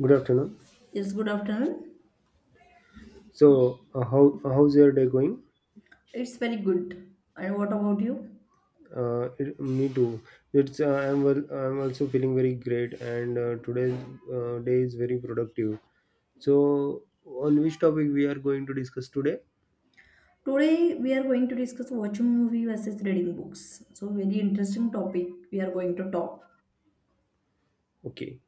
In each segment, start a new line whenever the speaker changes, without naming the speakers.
Good afternoon.
Yes, good afternoon.
So, how how's your day going?
It's very good. And what about you?
It, me too. It's I'm well, I'm also feeling very great, and today's day is very productive. So, on which topic we are going to discuss today?
Today we are going to discuss watching movie versus reading books. So very interesting topic we are going to talk.
Okay.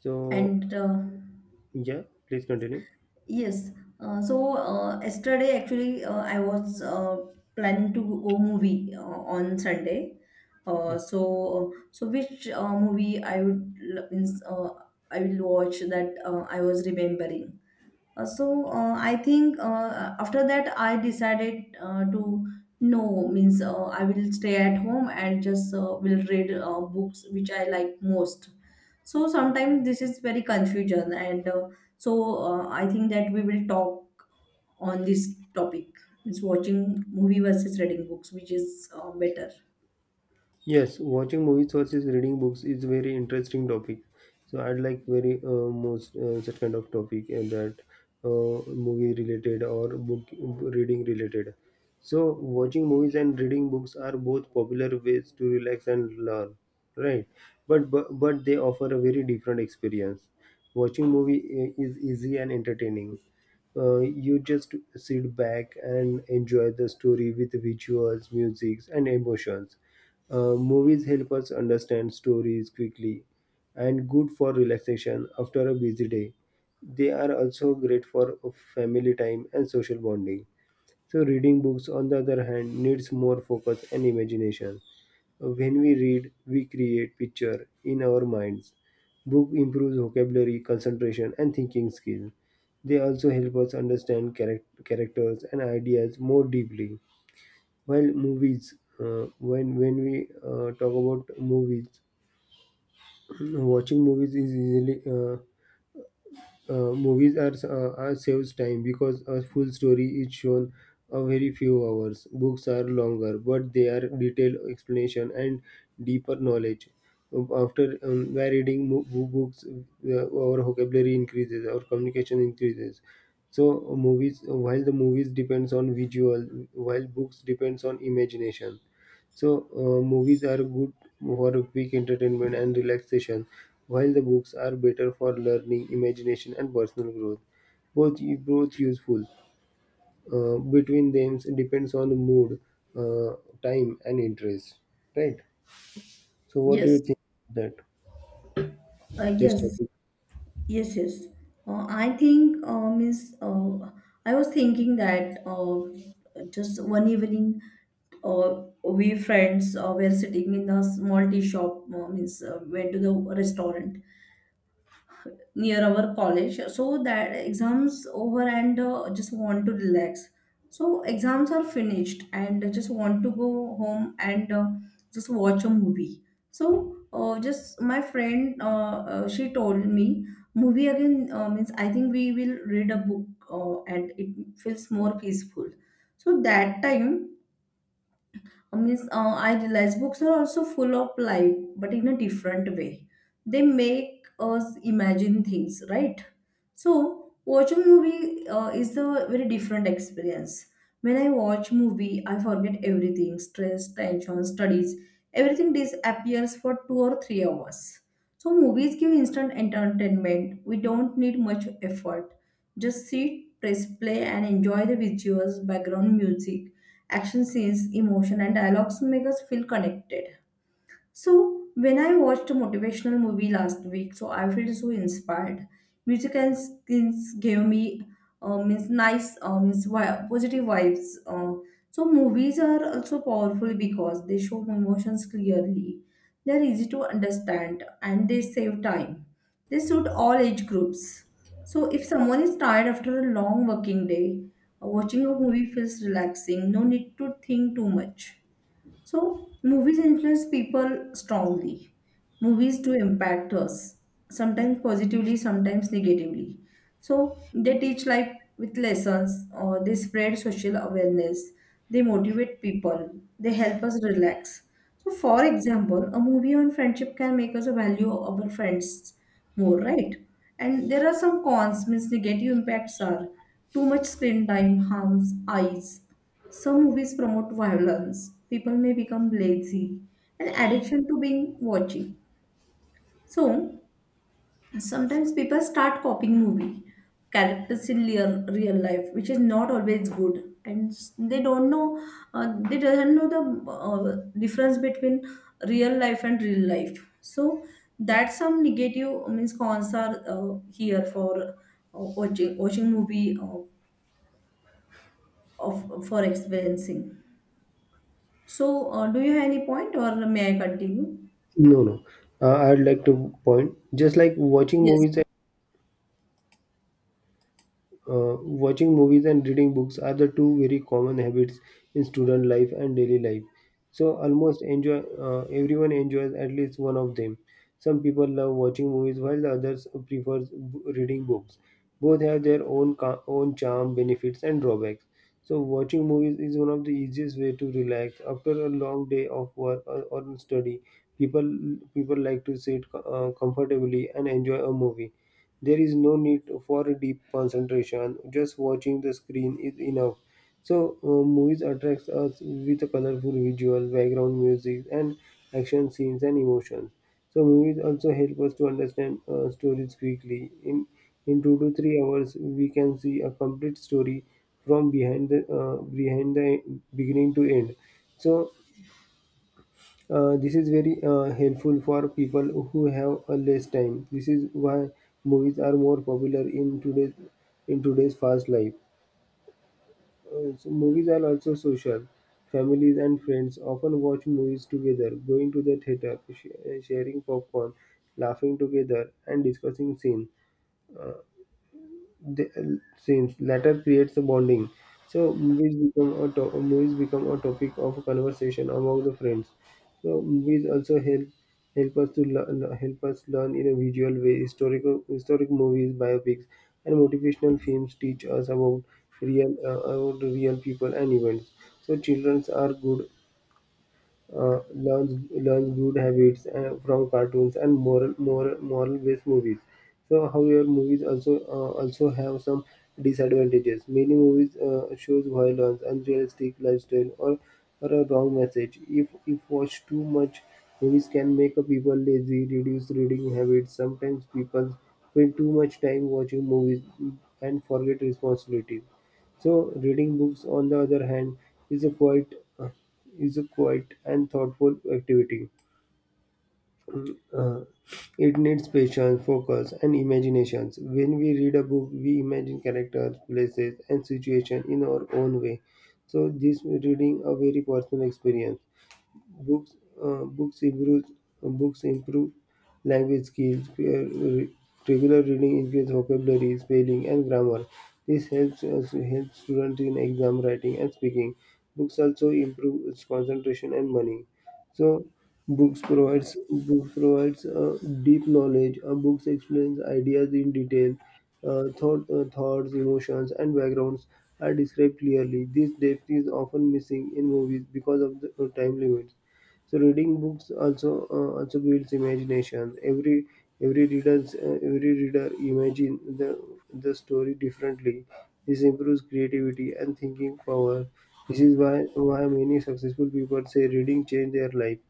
So,
And
yeah, please continue.
yes, so Yesterday actually I was planning to go movie on Sunday. So which movie I would means I will watch that I was remembering. I think after that I decided to no means I will stay at home and just will read books which I like most. So sometimes this is very confusion and I think that we will talk on this topic. It's watching movie versus reading books, which is better.
Yes, watching movies versus reading books is very interesting topic. So I'd like very most such kind of topic that movie related or book reading related. So watching movies and reading books are both popular ways to relax and learn, right? But they offer a very different experience. Watching movie is easy and entertaining. You just sit back and enjoy the story with visuals, music, and emotions. Movies help us understand stories quickly and good for relaxation after a busy day. They are also great for family time and social bonding. So, reading books, on the other hand, needs more focus and imagination. When we read, we create picture in our minds. Book improves vocabulary, concentration, and thinking skills. They also help us understand characters and ideas more deeply. While movies. When we talk about movies, watching movies is easily movies are saves time because a full story is shown a very few hours. Books are longer, but they are detailed explanation and deeper knowledge. After by reading books, our vocabulary increases, our communication increases. So movies, while the movies depends on visual, while books depends on imagination, so movies are good for quick entertainment and relaxation, while the books are better for learning, imagination, and personal growth. Both both useful. Between them depends on the mood, uh, time, and interest. Right. So, what do you
Yes,
think of that? This
yes.
topic?
Yes, yes. I think means I was thinking that just one evening, we friends were sitting in the small tea shop. Means went to the restaurant, near our college so that exams over and just want to relax so exams are finished and just want to go home and just watch a movie so just my friend she told me movie again means I think we will read a book and it feels more peaceful so that time I means I realize books are also full of life, but in a different way. They make us imagine things, right? So watching movie is a very different experience. When I watch movie, I forget everything: stress, tension, studies. Everything disappears for 2 or 3 hours. So movies give instant entertainment. We don't need much effort, just sit, press play, and enjoy the visuals, background music, action scenes, emotion, and dialogues make us feel connected. So when I watched a motivational movie last week, so I felt so inspired. Music and skins gave me means nice means positive vibes. So movies are also powerful because they show emotions clearly. They are easy to understand and they save time. They suit all age groups. So if someone is tired after a long working day, watching a movie feels relaxing. No need to think too much. So movies influence people strongly. Movies do impact us, sometimes positively, sometimes negatively. So they teach life with lessons, or they spread social awareness, they motivate people, they help us relax. So for example, a movie on friendship can make us value our friends more, right? And there are some cons, means negative impacts are too much screen time harms eyes, some movies promote violence, people may become lazy, and addiction to being watching. So sometimes people start copying movie characters in real life, which is not always good, and they don't know they doesn't know the difference between real life and real life. So that's some negative means cons are here for watching movie of for experiencing. So do you have any point, or may I continue?
No, no. I'd like to point. Just like
Yes.
watching movies and reading books are the two very common habits in student life and daily life. So almost enjoy everyone enjoys at least one of them. Some people love watching movies while the others prefers reading books. Both have their own charm, benefits, and drawbacks. So watching movies is one of the easiest way to relax after a long day of work or study. People like to sit comfortably and enjoy a movie. There is no need for a deep concentration. Just watching the screen is enough. So movies attracts us with a colorful visual, background music, and action scenes and emotions. So movies also help us to understand stories quickly. In 2 to 3 hours, we can see a complete story from behind the beginning to end. So this is very helpful for people who have less time. This is why movies are more popular in today's fast life. So movies are also social. Families and friends often watch movies together, going to the theater, sharing popcorn, laughing together, and discussing scenes. Uh, the scenes. Latter creates a bonding. So movies become a topic of conversation among the friends. So movies also help us to learn, help us learn in a visual way. Historic movies, biopics, and motivational films teach us about real people and events. So children are good learns good habits from cartoons and moral based movies. So, however, movies also have some disadvantages. Many movies shows violence, unrealistic lifestyle, or a wrong message. If watched too much, movies can make a people lazy, reduce reading habits. Sometimes people spend too much time watching movies and forget responsibilities. So, reading books, on the other hand, is a quite uh, is a quiet and thoughtful activity. Uh, it needs patience, focus, and imaginations. When we read a book, we imagine characters, places, and situations in our own way. So, this reading a very personal experience. Books uh, books improve books improve language skills. Regular reading increases vocabulary, spelling, and grammar. This helps us help students in exam writing and speaking. Books also improve its concentration and money. So books provides deep knowledge. Books explains ideas in detail. Thoughts, emotions, and backgrounds are described clearly. This depth is often missing in movies because of the time limits. So reading books also builds imagination. Every reader imagine the story differently. This improves creativity and thinking power. This is why many successful people say reading changed their life.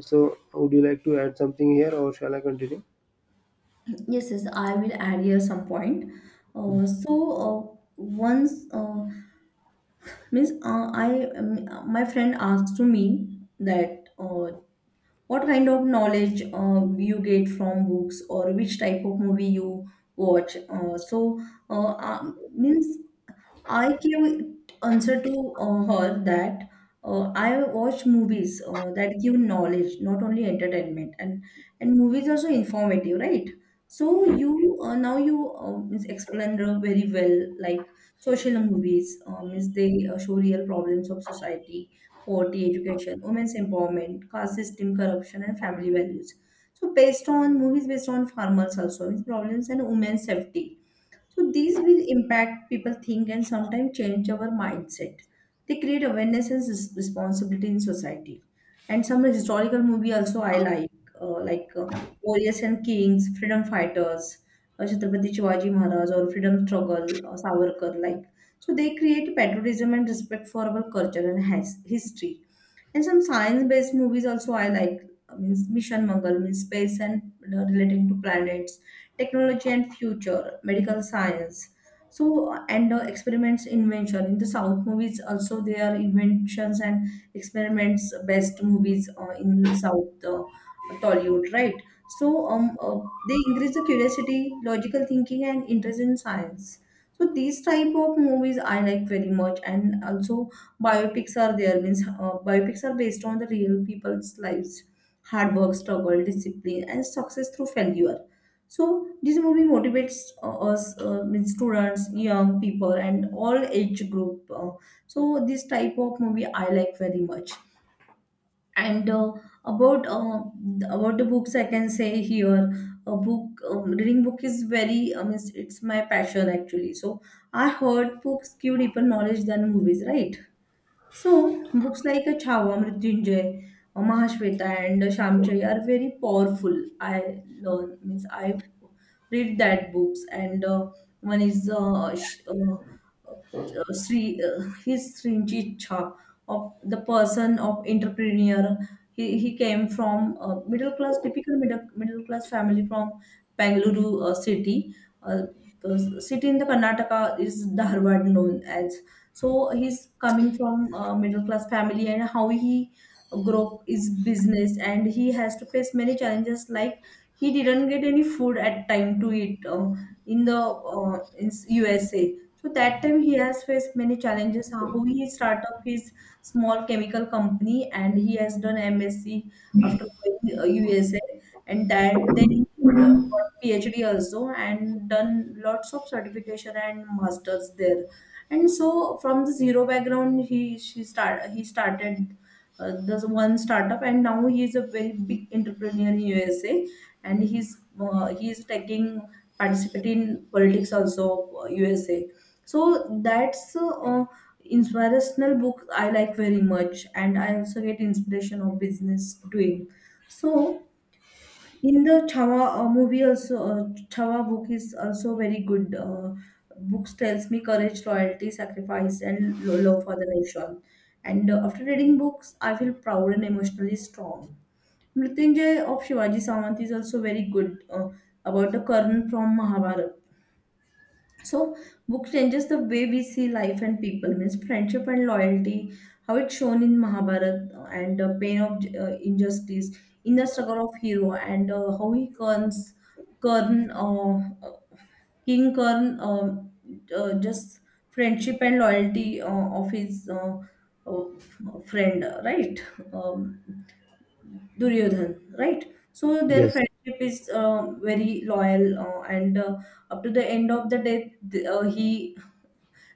So would you like to add something here, or shall I continue?
Yes, yes, I will add here some point. Once means I my friend asked to me that what kind of knowledge you get from books or which type of movie you watch. Means I gave answer to her that I watch movies that give knowledge, not only entertainment, and movies also informative, right? So you now you means explained very well, like social movies, means they show real problems of society, poverty, education, women's empowerment, caste system, corruption, and family values. So based on movies based on farmers also, means problems and women's safety so these will impact people think and sometimes change our mindset. They create awareness and responsibility in society. And some historical movie also I like, like Warriors and Kings, Freedom Fighters, Chhatrapati Shivaji Maharaj or Freedom Struggle, Savarkar, like. So they create patriotism and respect for our culture and history. And some science-based movies also I like means Mission Mangal means space and relating to planets, technology and future, medical science. So and experiments invention in the South movies also they are inventions and experiments based movies in South Tollywood, right? So they increase the curiosity, logical thinking, and interest in science, so these type of movies I like very much. And also biopics are there, means biopics are based on the real people's lives, hard work, struggle, discipline, and success through failure, so this movie motivates us means students, young people, and all age group. So this type of movie I like very much. And uh, about uh, th- about the books I can say here, a book reading book is very it's my passion actually. So I heard books give deeper knowledge than movies, right? So books like a Chava, Mrityunjay, Mahashweta, and Shamchai are very powerful. I learn means I read that books, and one is Sri his Srinjicha of the person of entrepreneur. He came from middle class, typical middle class family from Bangalore city. Uh, the city in the Karnataka is Dharwad known as, so he's coming from a middle class family and how he grew up is business and he has to face many challenges, like he didn't get any food at time to eat in USA. So that time he has faced many challenges. How he start up his small chemical company and he has done MSc after going USA and that then he got PhD also and done lots of certification and masters there, and so from the zero background he started this one startup and now he is a very big entrepreneur in USA. And he's taking participate in politics also USA. So that's inspirational book I like very much and I also get inspiration of business doing. So in the Chawa movie also, Chawa book is also very good. Books tells me courage, loyalty, sacrifice, and love for the nation. And after reading books, I feel proud and emotionally strong. Mrityunjay of Shivaji Samant is also very good about the Karna from Mahabharata. So book changes the way we see life and people, means friendship and loyalty, how it's shown in Mahabharata, and the pain of injustice, inner struggle of hero, and how he turns Karn, uh, uh, King Karn, just friendship and loyalty of his uh, friend, right? Um, Duryodhan, right? So their
Yes.
friendship is very loyal, and up to the end of the day, he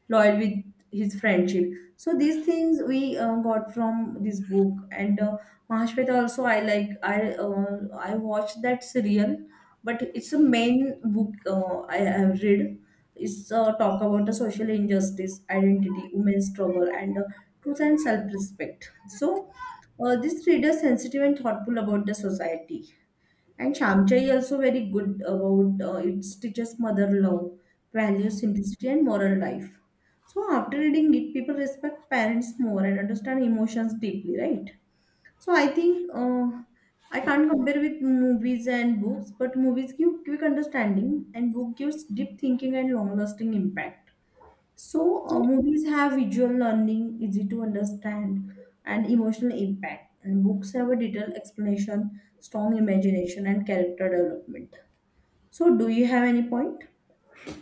loyal with his friendship, so these things we got from this book. And Mahashweta also I like, I watched that serial but it's a main book I have read. It's talk about the social injustice, identity, women's struggle, and truth and self-respect. So this reader sensitive and thoughtful about the society. And Shamchai also very good about it teaches mother love, value, simplicity, and moral life. So after reading it, people respect parents more and understand emotions deeply, right? So I think I can't compare with movies and books, but movies give quick understanding, and book gives deep thinking and long-lasting impact. So movies have visual learning, easy to understand, and emotional impact. And books have a detailed explanation, strong imagination, and character development. So, do you have any point?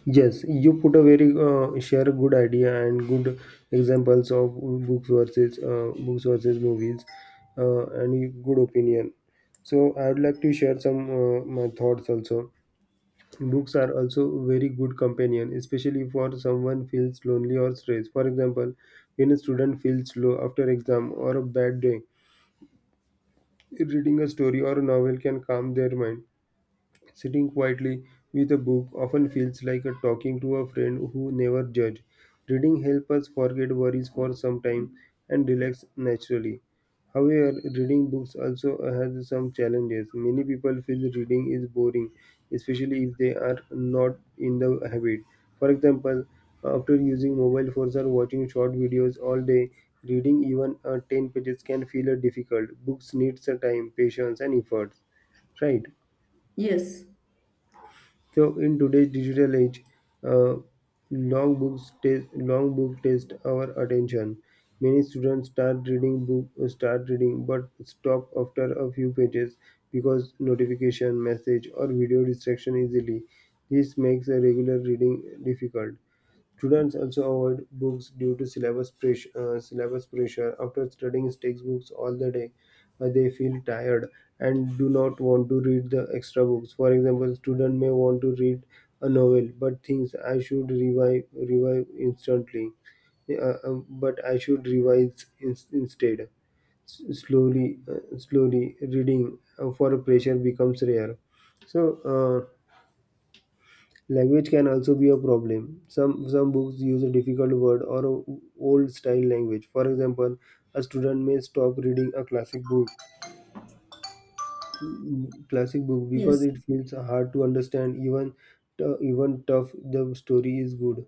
Yes, you put a very share a good idea and good examples of books versus movies, and good opinion. So I would like to share some my thoughts also. Books are also very good companion, especially for someone feels lonely or stressed. For example, when a student feels low after exam or a bad day, reading a story or a novel can calm their mind. Sitting quietly with a book often feels like a talking to a friend who never judges. Reading helps us forget worries for some time and relax naturally. However, reading books also has some challenges. Many people feel reading is boring, especially if they are not in the habit. For example, after using mobile phones or watching short videos all day, reading even 10 pages can feel difficult. Books needs time, patience, and effort. Right?
Yes,
So in today's digital age, uh, long books take long book test our attention. Many students start reading but stop after a few pages because notification, message, or video distraction easily. This makes a regular reading difficult. Students also avoid books due to syllabus pressure. After studying textbooks all the day, they feel tired and do not want to read the extra books. For example, student may want to read a novel but thinks I should revive instantly, but I should revise in, instead. Slowly reading for pressure becomes rare. So. Language can also be a problem. Some books use a difficult word or a old style language. For example, a student may stop reading a classic book because
yes,
it feels hard to understand even tough the story is good.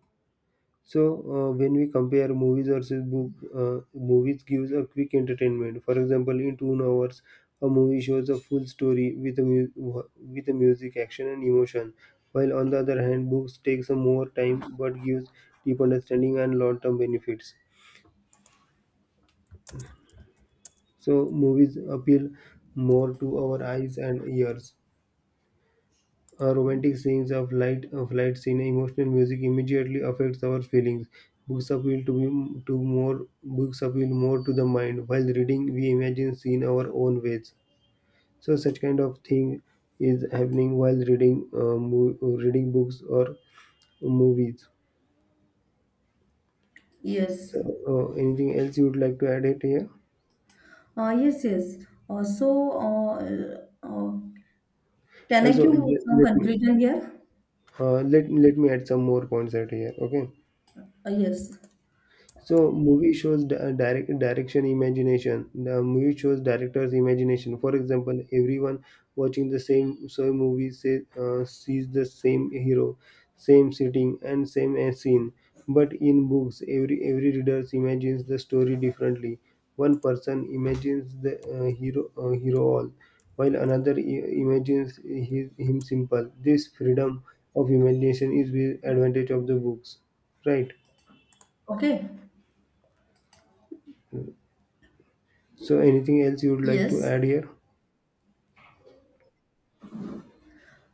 So when we compare movies versus book, movies gives a quick entertainment. For example, in 2 hours, a movie shows a full story with a music, action, and emotion. While on the other hand, books takes a more time but gives deep understanding and long-term benefits. So movies appeal more to our eyes and ears. A romantic scenes of light scene emotional music immediately affects our feelings. Books appeal to be, to more books appeal more to the mind. While reading, we imagine scene our own ways. So such kind of thing is happening while reading reading books or movies.
yes.
So anything else you would like to add it here?
Yes, yes. Uh, so, uh, uh, can I
Also,
give some
let me
conclusion here?
uh, let let me add some more points out here. Okay.
Yes.
So movie shows direction imagination. The movie shows director's imagination. For example, everyone watching the same movie sees the same hero, same setting, and same scene. But in books, every reader imagines the story differently. One person imagines the hero all, while another imagines him simple. This freedom of imagination is the advantage of the books, right?
Okay.
So anything else you would like to
Yes.
add here?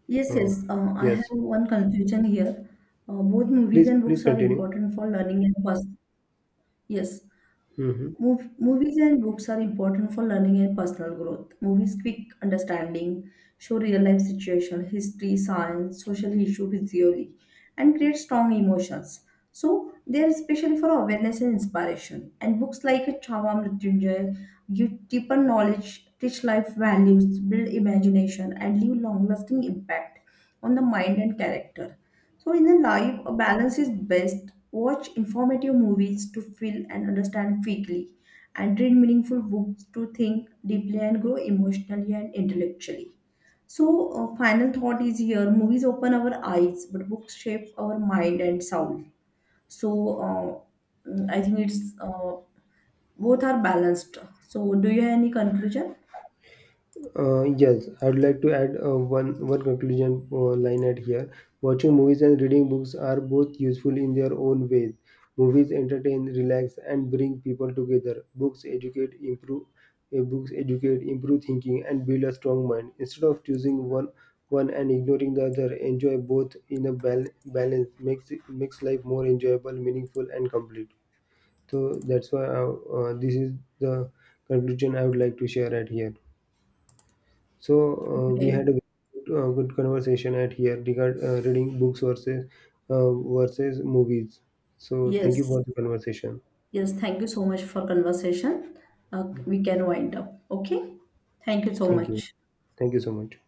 Yes,
Oh,
yes. I have
yes.
one conclusion here. Both movies
Please,
and
please
books are
continue.
important for learning and yes,
Hmm.
Movies and books are important for learning and personal growth. Movies quick understanding, show real life situation, history, science, social issue visually, and create strong emotions. So they are especially for awareness and inspiration. And books like Chava Mrityunjay give deeper knowledge, teach life values, build imagination, and leave long lasting impact on the mind and character. So in the life, a balance is best. Watch informative movies to feel and understand quickly, and read meaningful books to think deeply and grow emotionally and intellectually. So final thought is here movies open our eyes, but books shape our mind and soul. So uh, I think it's both are balanced. So, do you have any conclusion?
Yes, I would like to add one conclusion line at here. Watching movies and reading books are both useful in their own ways. Movies entertain, relax, and bring people together. Books educate, improve. Books educate, improve thinking, and build a strong mind. Instead of choosing one and ignoring the other, enjoy both in a balance. Makes life more enjoyable, meaningful, and complete. So that's why this is the conclusion I would like to share at here. So we
Okay,
had a good conversation at here regard reading books versus movies. So thank you
yes.
for the conversation.
Yes, thank you so much for conversation. We can wind up. Okay. Thank you so
Thank you.
much.
Thank you so much.